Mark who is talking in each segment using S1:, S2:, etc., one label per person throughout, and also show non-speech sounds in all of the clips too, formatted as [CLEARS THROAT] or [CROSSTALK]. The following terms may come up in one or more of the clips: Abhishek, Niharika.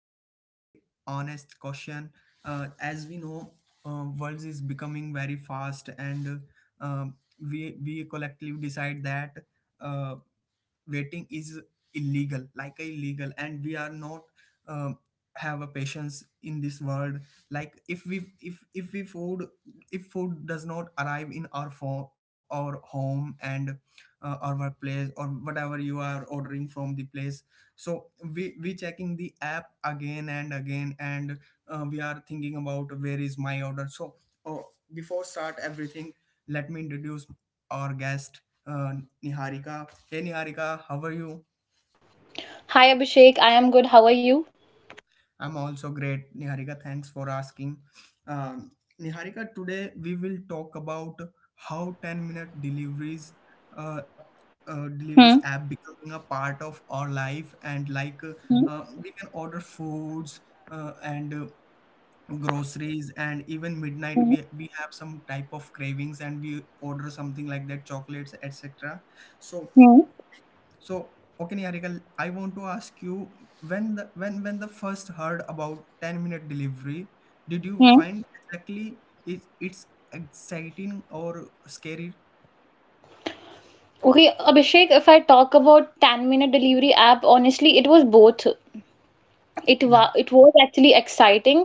S1: with a very honest question. As we know, world is becoming very fast, and uh, um, we collectively decide that uh, waiting is illegal like illegal, and we are not um, have a patience in this world, like if we food if food does not arrive in our for our home and our workplace or whatever you are ordering from the place. So we checking the app again and again, and we are thinking about where is my order. So oh, before start everything, let me introduce our guest, uh, Niharika. Hey, Niharika, how are you?
S2: Hi Abhishek, I am good. How are you?
S1: I'm also great, Niharika. Thanks for asking. Um, Niharika, today we will talk about how 10-minute deliveries, uh,
S2: Hmm.
S1: deliveries app becoming a part of our life, and like
S2: Hmm.
S1: we can order foods and. Groceries, and even midnight
S2: Hmm.
S1: we have some type of cravings, and we order something like that, chocolates etc. So,
S2: Hmm.
S1: so, okay, Niharika, I want to ask you, when the first heard about 10-minute delivery, did you
S2: Hmm.
S1: find exactly it's exciting or scary?
S2: Okay, Abhishek, if I talk about 10-minute delivery app, honestly, it was both. it wa
S1: Yeah.
S2: it was actually exciting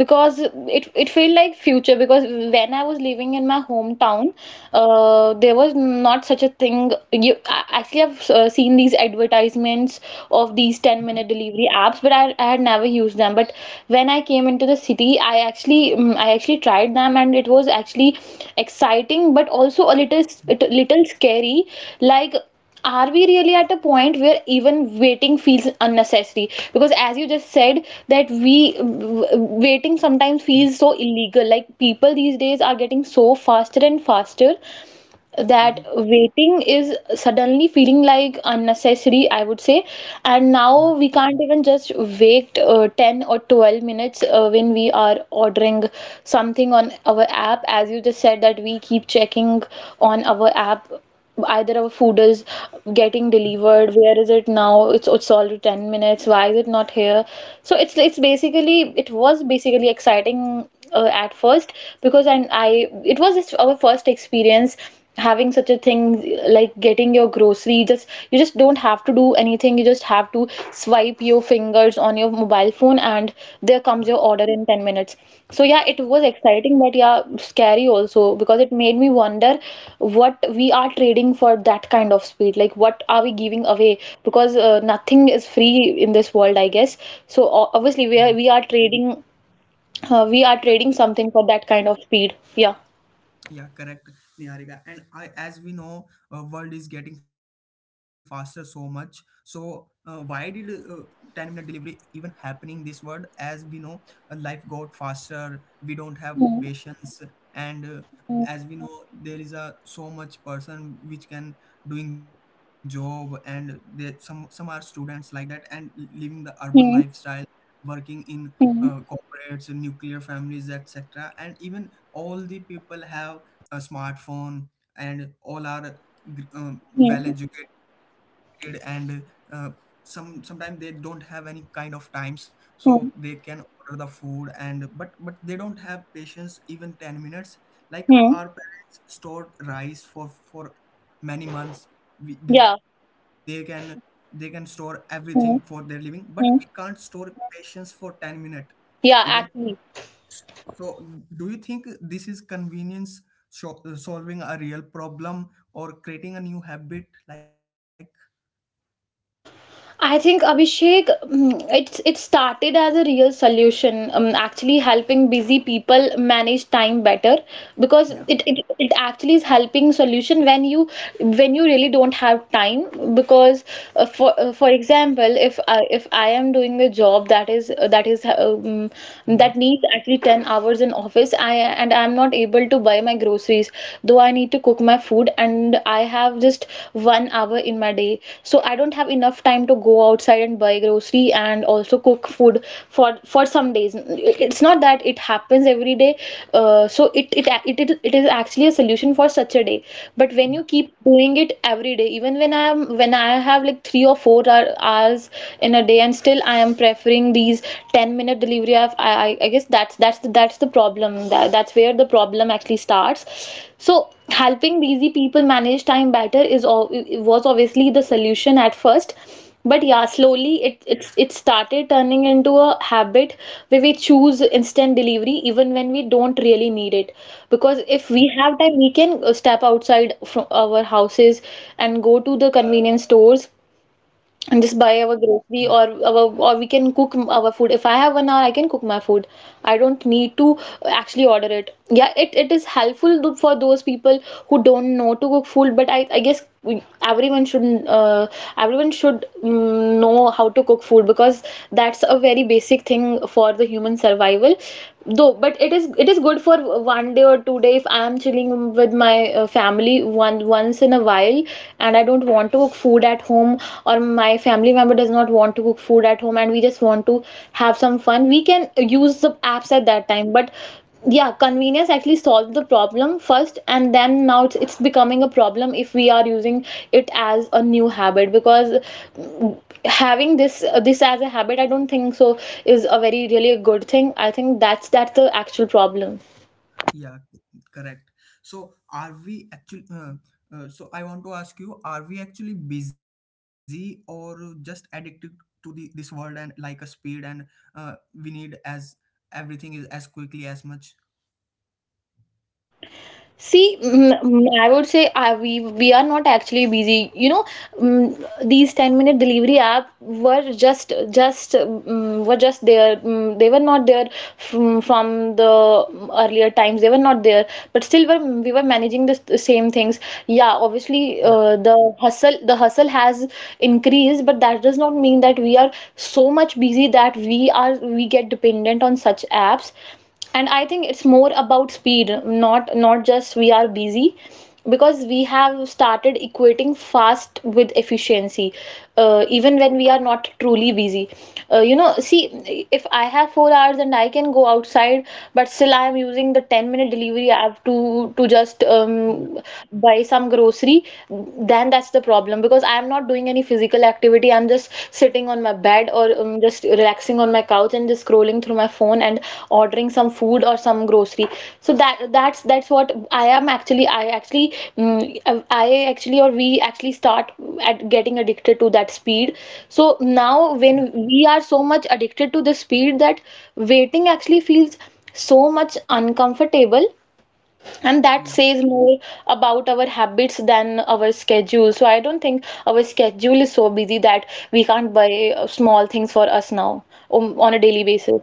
S2: because it felt like future. Because when I was living in my hometown, there was not such a thing. Actually, I've seen these advertisements of these 10
S1: Mhm.
S2: minute delivery apps, but I had never used them. But when I came into the city, I actually I actually tried them, and it was actually exciting, but also a little scary. Like, are we really at a point where even waiting feels unnecessary? Because as you just said, that waiting sometimes
S1: Yeah.
S2: feels so illegal. Like, people these days are getting so faster and faster
S1: Mhm.
S2: that waiting is suddenly feeling like unnecessary, I would say. And
S1: Yeah.
S2: now we can't even just wait 10 or 12 minutes when we are ordering something on our app. As you just said, that we keep checking on our app, either our food is getting delivered, where is it now? It's already 10 minutes, why is it not here? So it's basically, it was basically exciting at first. Because and I it was just our first experience having such a thing, like getting your grocery. Just you just don't have to do anything, you just have to swipe your fingers on your mobile phone, and there comes your order in 10 minutes. So yeah, it was exciting, but yeah, scary also, because it made me wonder what we are trading for that kind of speed. Like, what are we giving away? Because nothing is free in this world, I guess. So obviously, we are
S1: Yeah.
S2: we are trading, we are trading something for that kind of speed. Yeah.
S1: Yeah, correct, Niharika. And I, as we know, world is getting faster so much. So why did 10 minute delivery even happening this world? As we know, life got faster. We don't have patience, and as we know, there is a so much person which can doing job, and there some are students like that, and living the urban lifestyle, working in corporates, nuclear families, etc. And even all the people have a smartphone, and all are um,
S2: Hmm.
S1: well educated, and uh, sometimes they don't have any kind of times, so
S2: Hmm.
S1: they
S2: Hmm.
S1: can order the food, and but they don't have patience even 10 minutes, like
S2: Hmm.
S1: our parents stored rice for many months. we, they
S2: Yeah.
S1: can they can store everything for their
S2: Hmm.
S1: living, but we can't
S2: Hmm.
S1: store patience for 10 minutes even.
S2: Yeah, actually.
S1: So, do you think this is convenience solving a real problem or creating a new habit? Like,
S2: I think, Abhishek, it started as a real solution, actually helping busy people manage time better. Because
S1: yeah,
S2: it actually is helping solution when you, when you really don't have time. Because for example, if I, if I am doing a job that is
S1: mhm,
S2: that needs actually 10 hours in office, I, and I am not able to buy my groceries, though I need to cook my food, and I have just 1 hour in my day. So I don't have enough time to go outside and buy grocery and also cook food for for some days. It's not that it happens every day. So it is actually a solution for such a day. But when
S1: yeah,
S2: you keep doing it every day, even when I have like three or four hours in a day, and still I am preferring these 10 minute delivery app, I guess that's the problem. That's where the problem actually starts. So helping busy people manage time better is all was obviously the solution at first. But yeah, slowly it started turning into a habit, where we choose instant delivery even when we don't really need it. Because if we have time, we can step outside from our houses and go to the convenience stores and just
S1: yeah,
S2: buy our grocery, or our or we can cook our food. If I have 1 hour, I can cook my food, I don't need to actually order it. Yeah, it is helpful for those people who don't know to cook food. But I guess everyone should know how to cook food, because that's a very basic thing for the human survival, though. But it is good for 1 day or 2 day, if I am chilling with my family, one once in a while, and I don't want to cook food at home, or my family member does not want to cook food at home, and we just want to have some fun, we can use the apps at that time. But yeah, convenience actually solved the problem first, and then now it's becoming a problem if we are using it as a new habit. Because mm, having this as a habit, I don't think so is a very really a good thing. I think that's the actual problem.
S1: yeah, correct. So, are we actually? So, I want to ask you: are we actually busy or just addicted to the this world and like a speed, and uh, we need as everything is as quickly as much?
S2: See,
S1: Yeah,
S2: I would say we are not actually busy. You know, these 10-minute delivery app were were just there. They were not there from the earlier times. They were not there, but still were, we were managing the same things. Yeah, obviously
S1: yeah,
S2: the hustle has increased, but that does not mean that we are so much busy that we get dependent on such apps. And I think it's more about speed, not just we are busy, because we have started equating fast with efficiency, even when we are not truly busy. You know, see, if I have 4 hours and I can go outside, but still I am using the 10-minute delivery app to just
S1: yeah,
S2: buy some grocery, then that's the problem, because I am not doing any physical activity. I'm just sitting on my bed, or just relaxing on my couch and just scrolling through my phone and ordering some food or some grocery. So that's what I am actually. I actually, mm, I actually, or We actually start at getting addicted to that speed. So now
S1: yeah,
S2: when we are so much addicted to the speed that waiting actually feels so much uncomfortable, and that
S1: yeah.
S2: says more about our habits than our schedule. So I don't think our schedule is so busy that we can't buy small things for us now, on a daily basis.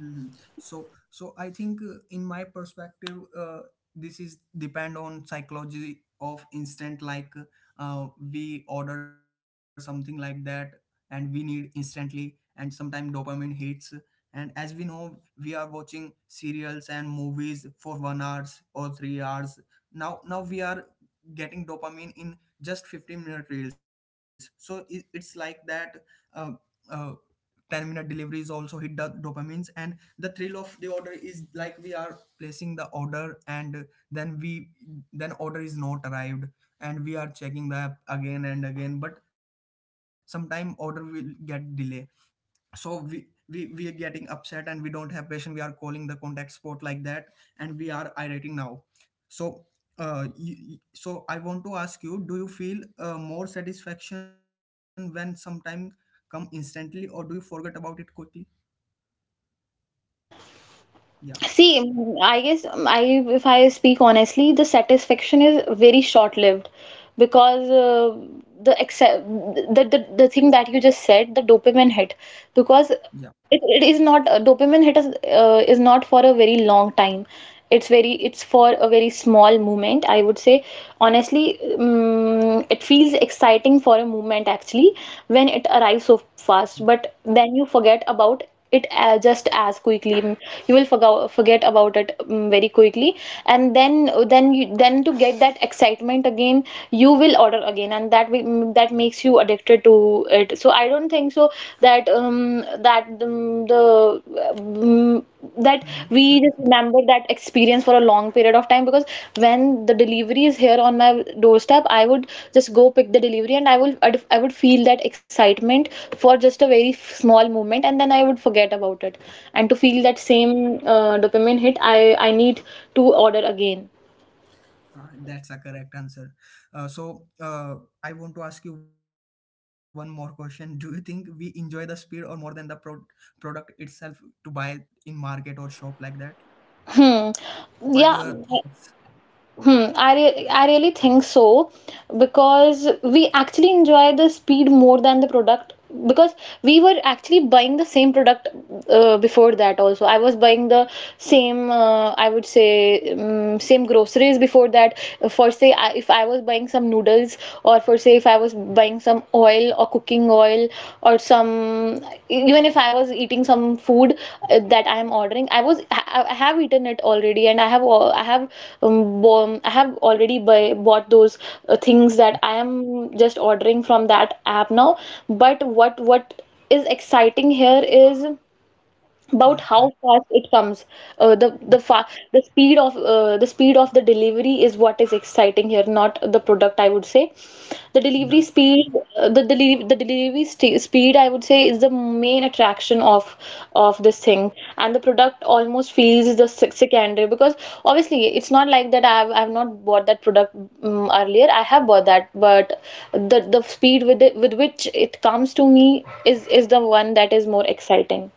S1: Mhm. So, I think in my perspective, this is depend on psychology of instant. Like, we order something like that, and we need instantly, and sometimes dopamine hits. And as we know, we are watching serials and movies for 1 hours or 3 hours. Now we are getting dopamine in just 15-minute reels. So it's like that. Uh, uh, 10-minute delivery is also hit the dopamines, and the thrill of the order is like we are placing the order, and then we then order is not arrived, and we are checking the app again and again, but sometime order will get delay. So we are getting upset, and we don't have patience. We are calling the contact sport like that, and we are irritating now. So I want to ask you, do you feel more satisfaction when sometime come instantly, or do you forget about it quickly? Yeah,
S2: See, I guess, I if I speak honestly, the satisfaction is very short-lived. Because the the thing that you just said, the dopamine hit, because
S1: yeah.
S2: it is not a dopamine hit, is not for a very long time. It's for a very small moment, I would say, honestly. It feels exciting for a moment, actually, when it arrives so fast, but then you forget about it just as quickly. You will forget about it very quickly. And then you then, to get that excitement again, you will order again, and that makes you addicted to it. So I don't think so that that the um, that
S1: Mm.
S2: we just remember that experience for a long period of time. Because when the delivery is here on my doorstep, I would just go pick the delivery, and I would feel that excitement for just a small moment, and then I would forget about it. And to feel that same dopamine hit, I need to order again.
S1: That's a correct answer. Uh, so uh, I want to ask you one more question. [LAUGHS] Do you think we enjoy the speed or more than the product itself, to buy in market or shop like that?
S2: Hmm.
S1: What do
S2: Yeah.
S1: your thoughts?
S2: Hmm, I really think so, because we actually enjoy the speed more than the product. Because we were actually buying the same product before that also. I was buying the same I would say same groceries before that. For say if I was buying some noodles, or for say if I was buying having some oil or cooking oil, or some, even if I was eating some food that I am ordering, I was I have eaten it already, and I have I have I have already bought those things that I am just ordering from that app now. But what is exciting here is
S1: Yeah,
S2: about
S1: correct.
S2: how fast it comes. Uh, the the fa the speed of the speed of the delivery is what is exciting here, not the product, I would say. The delivery
S1: Yeah.
S2: speed, the delivery st speed, I would say, is the main attraction of this thing. And the product almost feels the secondary, because obviously it's not like that. I've not bought that product earlier. I have bought that, but the speed with with which it comes to me is the one that is more exciting.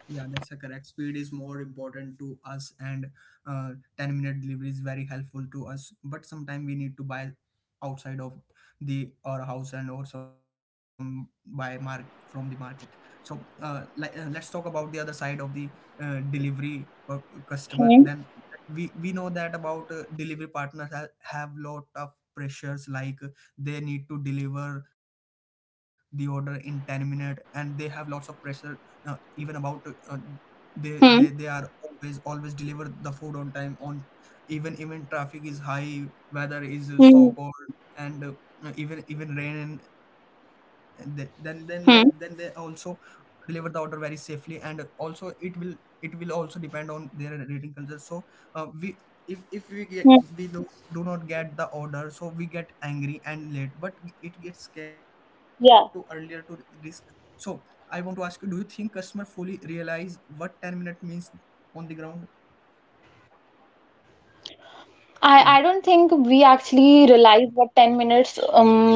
S1: Yeah, that's a correct. Speed is more important to us, and uh, 10-minute delivery is very helpful to us. But sometimes we need to buy outside of the our house, and or some buy mark from the market. So like, let's talk about the other side of the delivery customer. Then we know that about delivery partners have lot of pressures, like they need to deliver the order in 10 minute, and they have lots of pressure, even about they
S2: Hmm.
S1: are always deliver the food on time on, even traffic is high, weather is so
S2: Hmm.
S1: cold, and even rain, and they, then they
S2: Hmm.
S1: also deliver the order very safely. And also it will also depend on their rating culture. So we,
S2: Hmm.
S1: if we get, we do not get the order, so we get angry and late, but it gets scared
S2: Yeah.
S1: too earlier to risk. So I want to ask you, do you think customer fully realize what 10-minute means on the ground?
S2: I don't think
S1: Yeah,
S2: we actually realize what 10 minutes,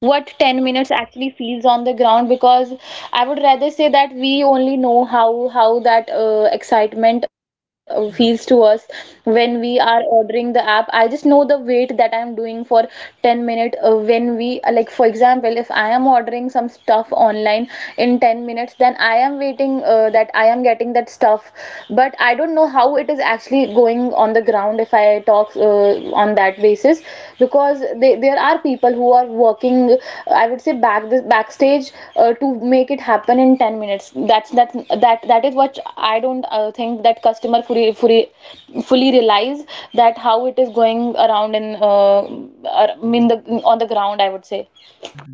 S2: what 10 minutes actually feels on the ground. Because I would rather say that we only know how that excitement feels to
S1: yeah.
S2: us when we are ordering the app. I just know the wait that I'm doing for 10 minutes when we, for example, if I am ordering some stuff online in 10 minutes, then I am waiting that I am getting that stuff, but I don't know how it is actually going on the ground if I talk on that basis, because there are people who are working, I would say, backstage to make it happen in 10 minutes. That's that that That is what I don't think that customer fully realize, that how it is going around in ar- in the on the ground, I would say.
S1: Mm-hmm.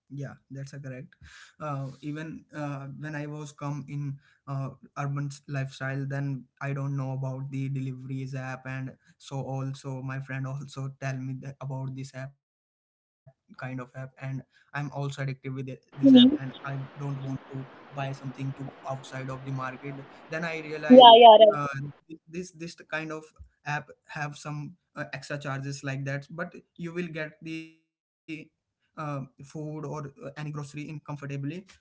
S1: Yeah, that's a correct. Even When I was come in uh, urban lifestyle, then I don't know about the deliveries app, and so also my friend also tell me that about this app, kind of app, and I'm also addicted with this app, and I
S2: Mhm.
S1: don't want to buy something to outside of the market. Then I realized
S2: Yeah,
S1: uh,
S2: right.
S1: this kind of app have some extra charges like that, but you will get the food or any grocery in comfortably. But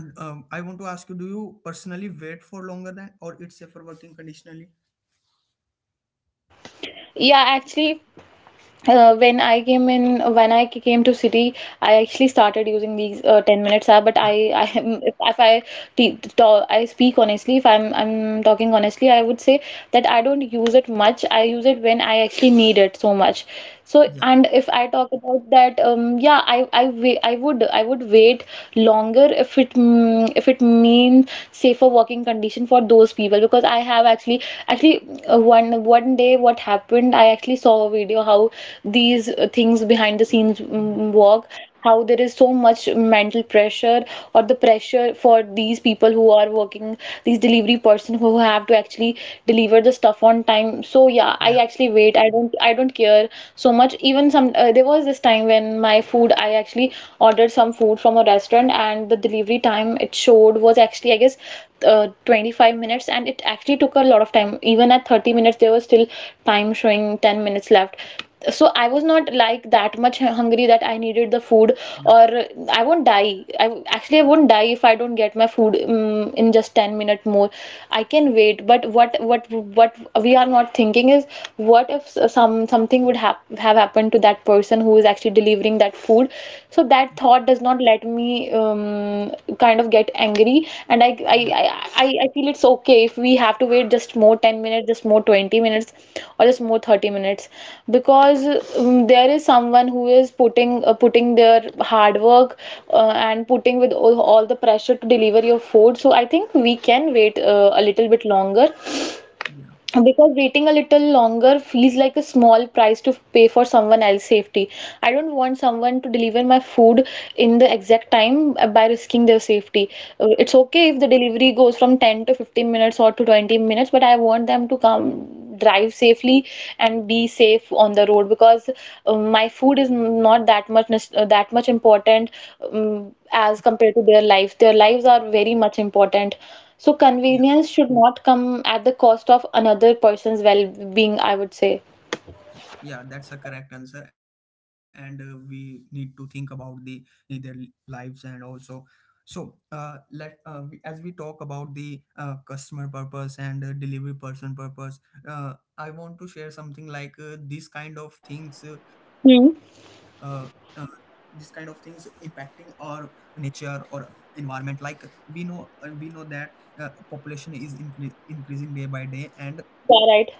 S1: I want to ask you, do you personally wait for longer than, or it's safer working conditionally?
S2: Yeah, actually, when I came in, when I came to city, I actually started using these 10 minutes
S1: Yeah,
S2: app. But if, I talk, I speak honestly. If I'm, I'm talking honestly, I would say that I don't use it much. I use it when I actually need it so much. So,
S1: yeah,
S2: and if I talk about that, yeah, I would I would wait longer if it means safer working condition for those people, because I have actually one one day what happened, I actually saw a video how these things
S1: yeah,
S2: behind the scenes work, how there is so much mental pressure or the pressure for these people who are working, these delivery person who have to actually deliver the stuff on time. So yeah,
S1: yeah,
S2: I actually wait. I don't care so much. Even some there was this time when my food I actually ordered some food from a restaurant and the delivery time it showed was actually, I guess, 25 minutes, and it actually took a lot of time. Even at 30 minutes there was still time showing 10 minutes left, so I was not like that much hungry that I needed
S1: yeah,
S2: the food, or I won't die. I won't die if I don't get my food in just 10 minutes more. I can wait. But what we are not thinking is, what if something would hap have happened to that person who is actually delivering that food? So that thought does not let me, I kind of get angry, and
S1: yeah,
S2: I feel it's okay if we have to wait just more 10 minutes, just more 20 minutes, or just more 30 minutes, because there is someone who is putting putting their hard work and putting with all the pressure to deliver your food. So I think we can wait a little bit longer,
S1: yeah,
S2: because waiting a little longer feels like a small price to pay for someone else's safety. I don't want someone to deliver my food in the exact time by risking their safety. It's okay if the delivery goes from 10 to 15 minutes or to 20 minutes, but I want them to come drive safely and be safe on the road, because my food is not that much that much important as compared to their lives. Their lives are very much important. So
S1: yeah.
S2: convenience should not come at the cost of another person's well-being, I would say.
S1: Yeah, that's a correct answer, and we need to think about the their lives and also. So, as we talk about the customer purpose and delivery person purpose, I want to share something, like these kind of things, uh,
S2: Hmm.
S1: uh, this kind of things impacting our nature or environment. Like we know that population is increasing day by day, and
S2: Yeah, right.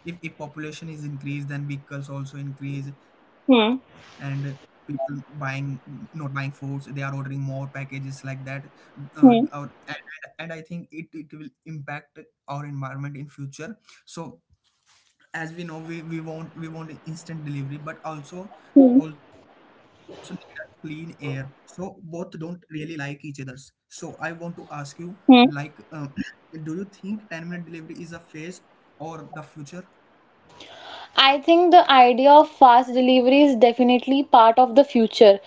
S1: if population is increased, then vehicles also increase, and
S2: Hmm.
S1: people buying not buying foods, they are ordering more packages like that, uh,
S2: Hmm.
S1: or, and, and I think it will impact our environment in future. So as we know, we want instant delivery, but also
S2: Hmm.
S1: also need a clean air, so both don't really like each other's. So I want to ask you, like
S2: Hmm.
S1: [CLEARS THROAT] do you think 10-minute delivery is a phase or the future?
S2: I think the idea of fast delivery is definitely part of the future,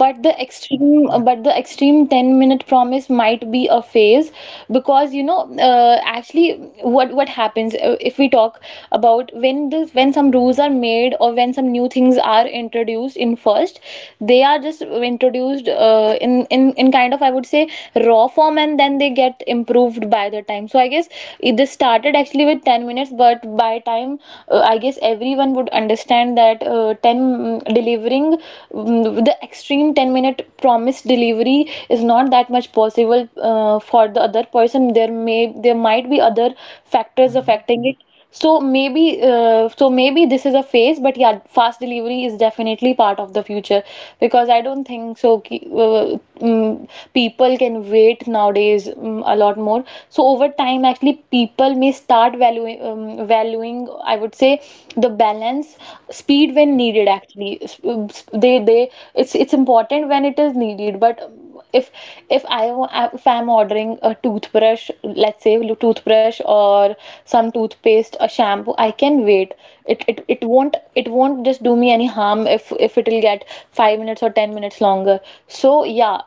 S1: Yeah.
S2: the extreme 10-minute promise might be a phase. Because, you know, actually what happens if we talk about, when the when some rules are made, or when some new things are introduced, in first they are just introduced in kind of, I would say, raw form, and then they get improved by the time. So I guess this started actually with 10 minutes, but by time I guess everyone would understand that 10 and delivering, the extreme 10-minute promised delivery is not that much possible for the other person. There may, there might be other factors
S1: Hmm,
S2: affecting it. So maybe this is a phase, but yeah, fast delivery is definitely part of the future, because I don't think so people can wait nowadays a lot more. So over time, actually, people may start valuing, I would say, the balance, speed when needed. Actually, they it's important when it is needed, but if if I if I'm ordering a toothbrush, let's say toothbrush, or some toothpaste, a shampoo, I can wait. It won't, just do me any harm if it will get 5 minutes or 10 minutes longer. So yeah,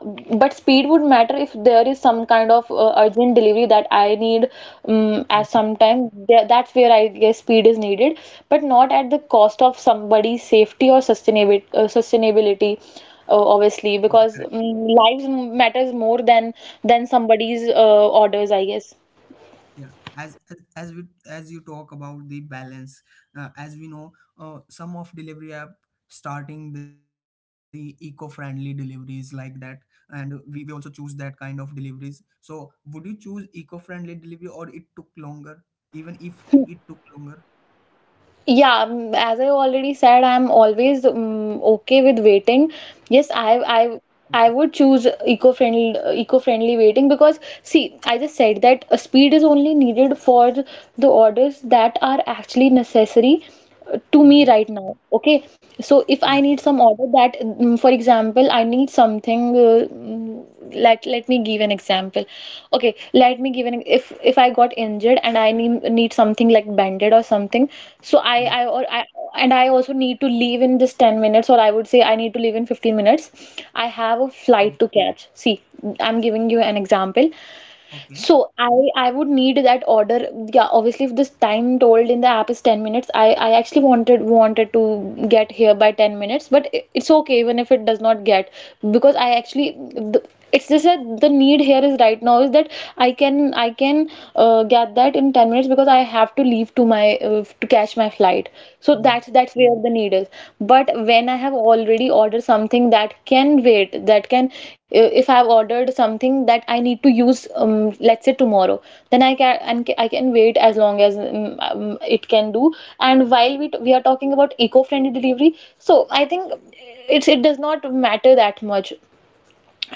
S2: but speed would matter if there is some kind of urgent delivery that I need at
S1: hmm.
S2: some time there. That's where I guess speed is needed, but not at the cost of somebody's safety or sustainability,
S1: Yeah,
S2: obviously,
S1: correct.
S2: because lives matters more than somebody's orders, I guess.
S1: Yeah, as as as we as you talk about the balance, as we know, some of delivery app starting the eco-friendly deliveries like that, and we also choose that kind of deliveries. So, would you choose eco-friendly delivery, or it took longer, even if it took longer?
S2: Yeah, as I already said, I'm always okay with waiting. Yes,
S1: Okay.
S2: I would choose eco-friendly waiting, because see, I just said that speed is only needed for the orders that are actually necessary to me
S1: Hmm.
S2: right now, okay? So if I
S1: Yeah.
S2: need some order that, for example, I need something let me give an example. Okay, let me give an, if I got injured and I need something like banded or something, so
S1: Yeah.
S2: I, and I also need to leave in just 10 minutes, or I would say I need to leave in 15 minutes, I have a
S1: Yeah.
S2: flight to catch. See, I'm giving you an example.
S1: Okay.
S2: So I would need that order. Yeah, obviously, if this time told in the app is 10 minutes, I actually wanted to get here by 10 minutes, but it's okay even if it does not get, because I actually, the, it's just that the need here is right now is that I can get that in 10 minutes, because I have to leave to my, to catch my flight, right? So
S1: Yeah.
S2: that's where the need is. But when I have already ordered something that can wait, that can if I've ordered something that I need to use, let's say tomorrow, then I can wait as long as, it can do. And while we are talking about eco-friendly delivery, so I think it does not matter that much.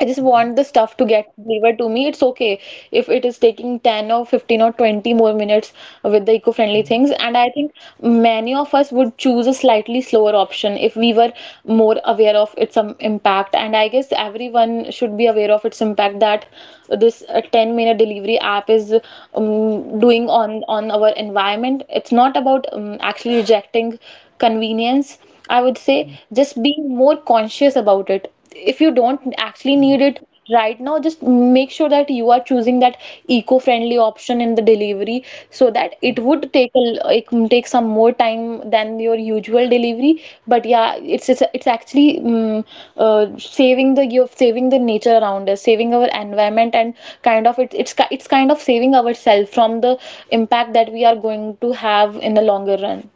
S2: I just want the stuff to get delivered to me. It's okay if it is taking 10 or 15 or 20 more minutes with the eco-friendly
S1: Hmm.
S2: things. And I think many of us would choose a slightly slower option if we were more aware of its impact. And I guess everyone should be aware of its impact, that this 10-minute delivery app is doing on our environment. It's not about actually rejecting convenience. I would say
S1: Yeah.
S2: just being more conscious about it. If you
S1: Mhm.
S2: don't actually need it right now, just make sure that you are choosing that eco-friendly option in the delivery, so that it would take it can take some more time than your usual delivery. But yeah, it's actually saving the, you're saving the nature around us, saving our environment, and kind of it's kind of saving ourselves from the impact that we are going to have in the longer run.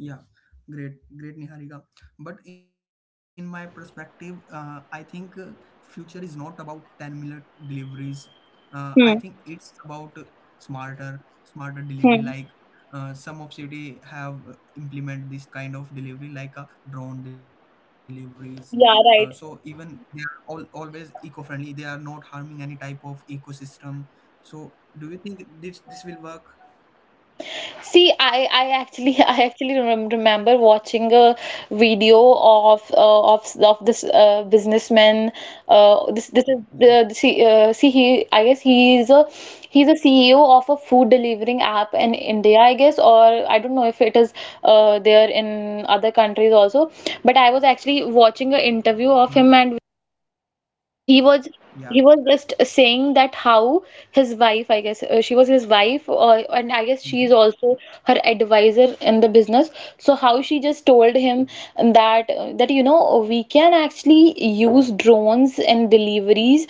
S1: Yeah, great, great, Niharika. But in my perspective, I think future is not about 10-minute deliveries. I
S2: Hmm.
S1: think it's about smarter, smarter delivery.
S2: Hmm.
S1: Like some of city have implement this kind of delivery, like a drone deliveries. So
S2: Yeah, right.
S1: even they are all always eco-friendly. They are not harming any type of ecosystem. So do you think this will work?
S2: See, I actually [LAUGHS] I actually remember watching a video of of this businessman. Uh,
S1: Yeah.
S2: this is see, he, I guess he is a, he's a CEO of a food delivering app in India, I guess, or I don't know if it is there in other countries also. But I was actually
S1: Mhm.
S2: watching an interview of him, and he
S1: Yeah.
S2: was he was just saying that, how his wife, I guess, she was his wife, or, and I guess she is
S1: Mhm.
S2: also her advisor in the business. So how she just told him that, that, you know, we can actually use drones in deliveries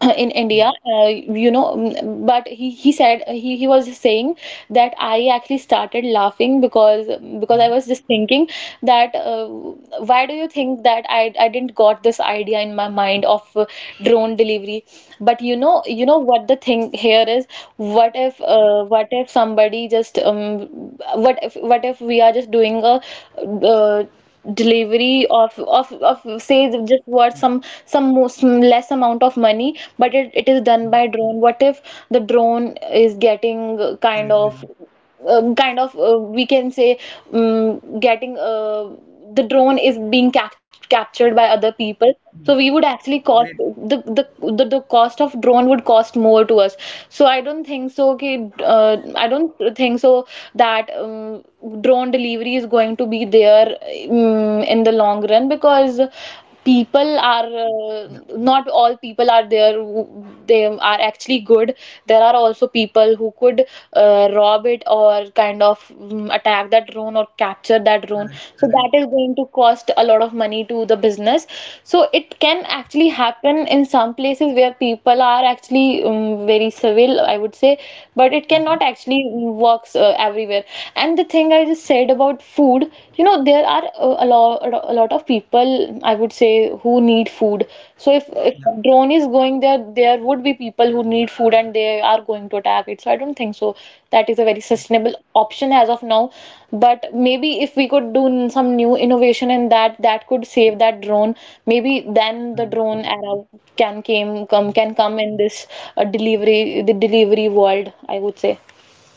S2: [COUGHS] in
S1: Yeah.
S2: India, you know, but he was saying that, I actually started laughing, because I
S1: Mhm.
S2: was just thinking that, why do you think that I didn't got this idea in my mind of drone delivery? But you know what the thing here is. What if, what if somebody just, what if we are just doing a, uh, delivery of
S1: Yeah.
S2: say, just worth some less amount of money, but it is done
S1: Mhm.
S2: by drone. What if the drone is getting, kind
S1: Great, great.
S2: of, kind of, we can say, getting, the drone is being captured by other
S1: Yeah.
S2: people, so we would actually
S1: Great.
S2: cost the cost of drone would cost more to us. So I don't think so. Okay, I don't think so that, drone delivery is going to be there, in the long run, because
S1: Yeah.
S2: people are, not all people are there who- they are actually good. There are also people who could rob it or, kind of, attack that drone or capture that drone,
S1: Correct,
S2: so
S1: correct.
S2: that is going to cost a lot of money to the business. So it can actually happen in some places where people are actually, very civil, I would say, but it cannot
S1: Mhm.
S2: actually works everywhere. And the thing I just said about food, you know, there are a lot of people, I would say, who need food. So if
S1: Yeah.
S2: if drone is going there, there would be people who need food and they are going to attack it. So I don't think so. That is a very sustainable option as of now. But maybe if we could do some new innovation in that, that could save that drone. Maybe
S1: Mhm.
S2: then the drone era can came come can come in this, delivery world, I would say.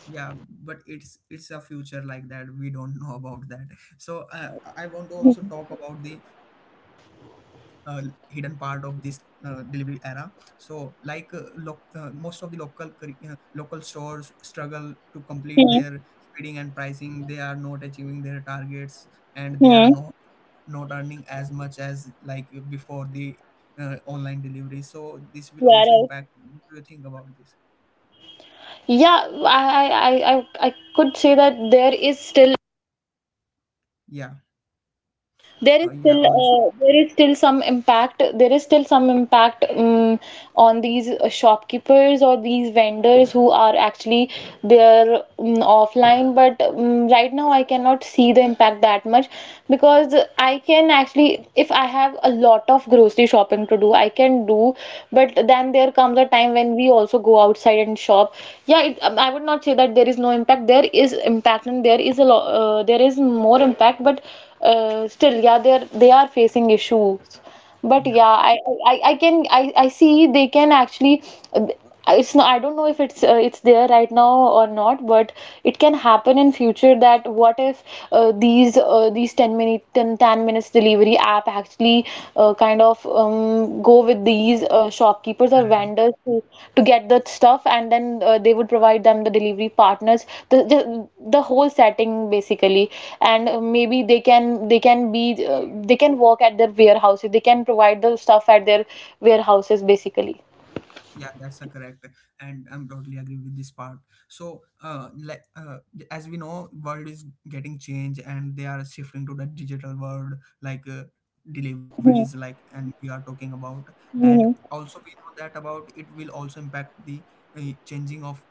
S1: Yeah, but it's a future like that, we don't know about that. So I want to
S2: Hmm.
S1: also talk about the uh, hidden part of this delivery era. So like, most of the local local stores struggle to complete their bidding and pricing. They are not achieving their targets, and they are
S2: Hmm.
S1: not earning as much as like before the online delivery. So this will
S2: Yeah,
S1: also
S2: right.
S1: impact. What do you think about this?
S2: Yeah, I could say that
S1: Yeah. Yeah also.
S2: there is still some impact, on these, shopkeepers or these vendors who are actually there, offline, but, right now I cannot see the impact that much, because I can actually, if I have a lot of grocery shopping to do I can do, but then there comes a time when we also go outside and shop. Yeah, I would not say that there is no impact. There is impact, and there is a lot, there is more impact, but still, yeah, they are facing issues. But
S1: Yeah,
S2: yeah, I can, I see they can actually, it's not, I don't know if it's there right now or not, but it can happen in future. That, what if, these, these 10 minute 10 10 minutes delivery app actually, kind of, go with these, shopkeepers or
S1: correct.
S2: vendors to get the stuff, and then, they would provide them the delivery partners, the whole setting, basically. And, maybe they can work at their warehouses, they can provide the stuff at their warehouses basically.
S1: Yeah, that's a correct, and I'm totally agree with this part. So like, as we know, world is getting changed, and they are shifting to the digital world, like deliveries,
S2: Hmm.
S1: like, and we are talking about, and
S2: Hmm.
S1: also we know that about it will also impact the changing of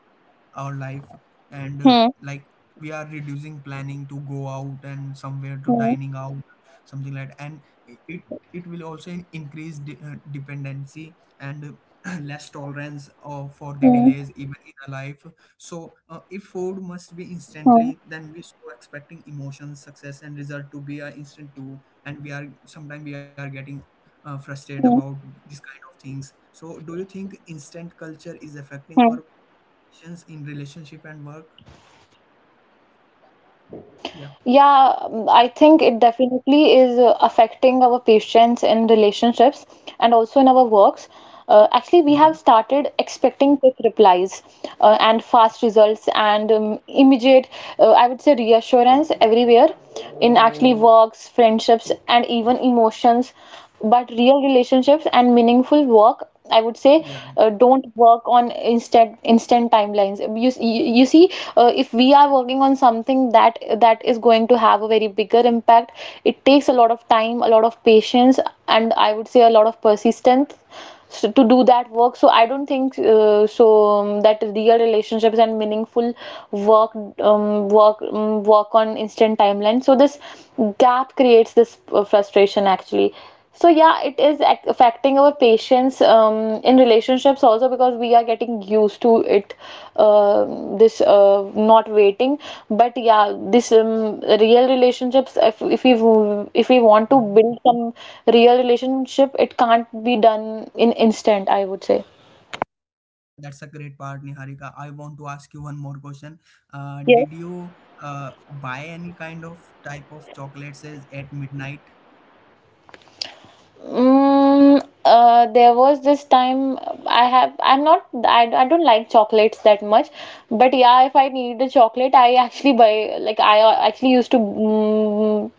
S1: our life, and
S2: Hmm.
S1: like, we are reducing planning to go out and somewhere to
S2: Hmm.
S1: dining out, something like that. And it it will also increase dependency, and [CLEARS THROAT] less tolerance, for the
S2: Hmm.
S1: delays even in our life. So
S2: Hmm.
S1: if food must be instantly, then we so expecting emotions success and result to be an instant too, and we are sometimes we are getting frustrated about these kind of things. So do you think
S2: Hmm.
S1: instant culture is affecting our expectations in relationship and work?
S2: Yeah, I think
S1: Yeah.
S2: it definitely is affecting our patients in relationships and also in our works. Actually, we have started
S1: Mhm.
S2: expecting quick replies, and fast results and, immediate, I would say, reassurance everywhere, in actually works, friendships, and even emotions. But real relationships and meaningful work, I would say,
S1: Yeah.
S2: don't work on instant timelines. You see, if we are working on something that is going to have a very bigger impact, it takes a lot of time, a lot of patience, and I would say a lot of persistence, so to do that work. So I don't think, that real relationships and meaningful work work on instant timeline. So this gap creates this, frustration, actually. So yeah, it is affecting our patience, in relationships also, because we are getting used to it, uh, this, not waiting. But yeah, this, real relationships, if we want to
S1: Mhm.
S2: build some real relationship, it can't be done in instant, I would say.
S1: Yeah, that's a great part, Niharika. I want to ask you one more question.
S2: Yes.
S1: Did you buy any kind of type of chocolates at midnight?
S2: Mm, there was this time, I don't like chocolates that much, but yeah, if I need a chocolate, I actually buy, like, I, actually used to,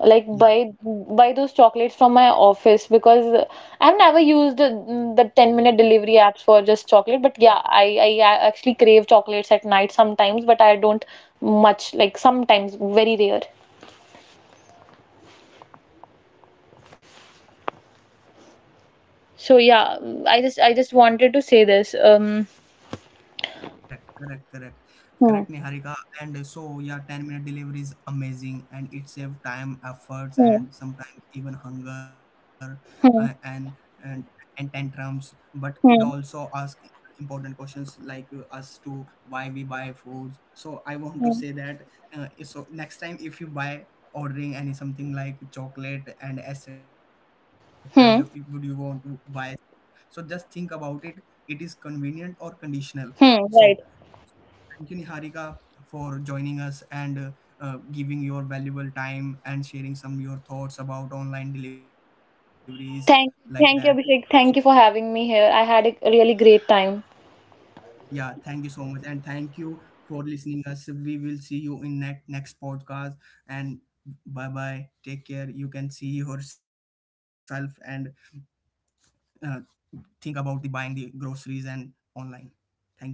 S2: like, buy buy those chocolates from my office, because I've never used the 10-minute delivery apps for just chocolate, but yeah, I actually crave chocolates at night sometimes, but I don't much, like, sometimes very rare. So yeah, I just wanted to say this.
S1: Correct, correct, correct.
S2: Hmm.
S1: Correct, Niharika. And so, yeah, 10-minute delivery is amazing, and it saves time, efforts,
S2: Hmm.
S1: and sometimes even hunger and,
S2: Hmm.
S1: and tantrums. But it also
S2: Hmm.
S1: asks important questions, like us to why we buy foods. So, I want to say
S2: Hmm.
S1: that next time if you buy ordering any something like chocolate and etc., would you want to
S2: Hmm.
S1: buy? So, just think about it. It is convenient or conditional. So,
S2: Hmm. Right.
S1: thank you, Niharika, for joining us, and giving your valuable time and sharing some your thoughts about online deliveries like that.
S2: Thank,
S1: So
S2: thank you, Abhishek. Thank you for having me here. I had a really great time.
S1: yeah, thank you so much, and thank you for listening us. We will see you in net next podcast, and bye bye. Take care. You can see yourself, and uh, think about the buying the groceries and online. Thank you.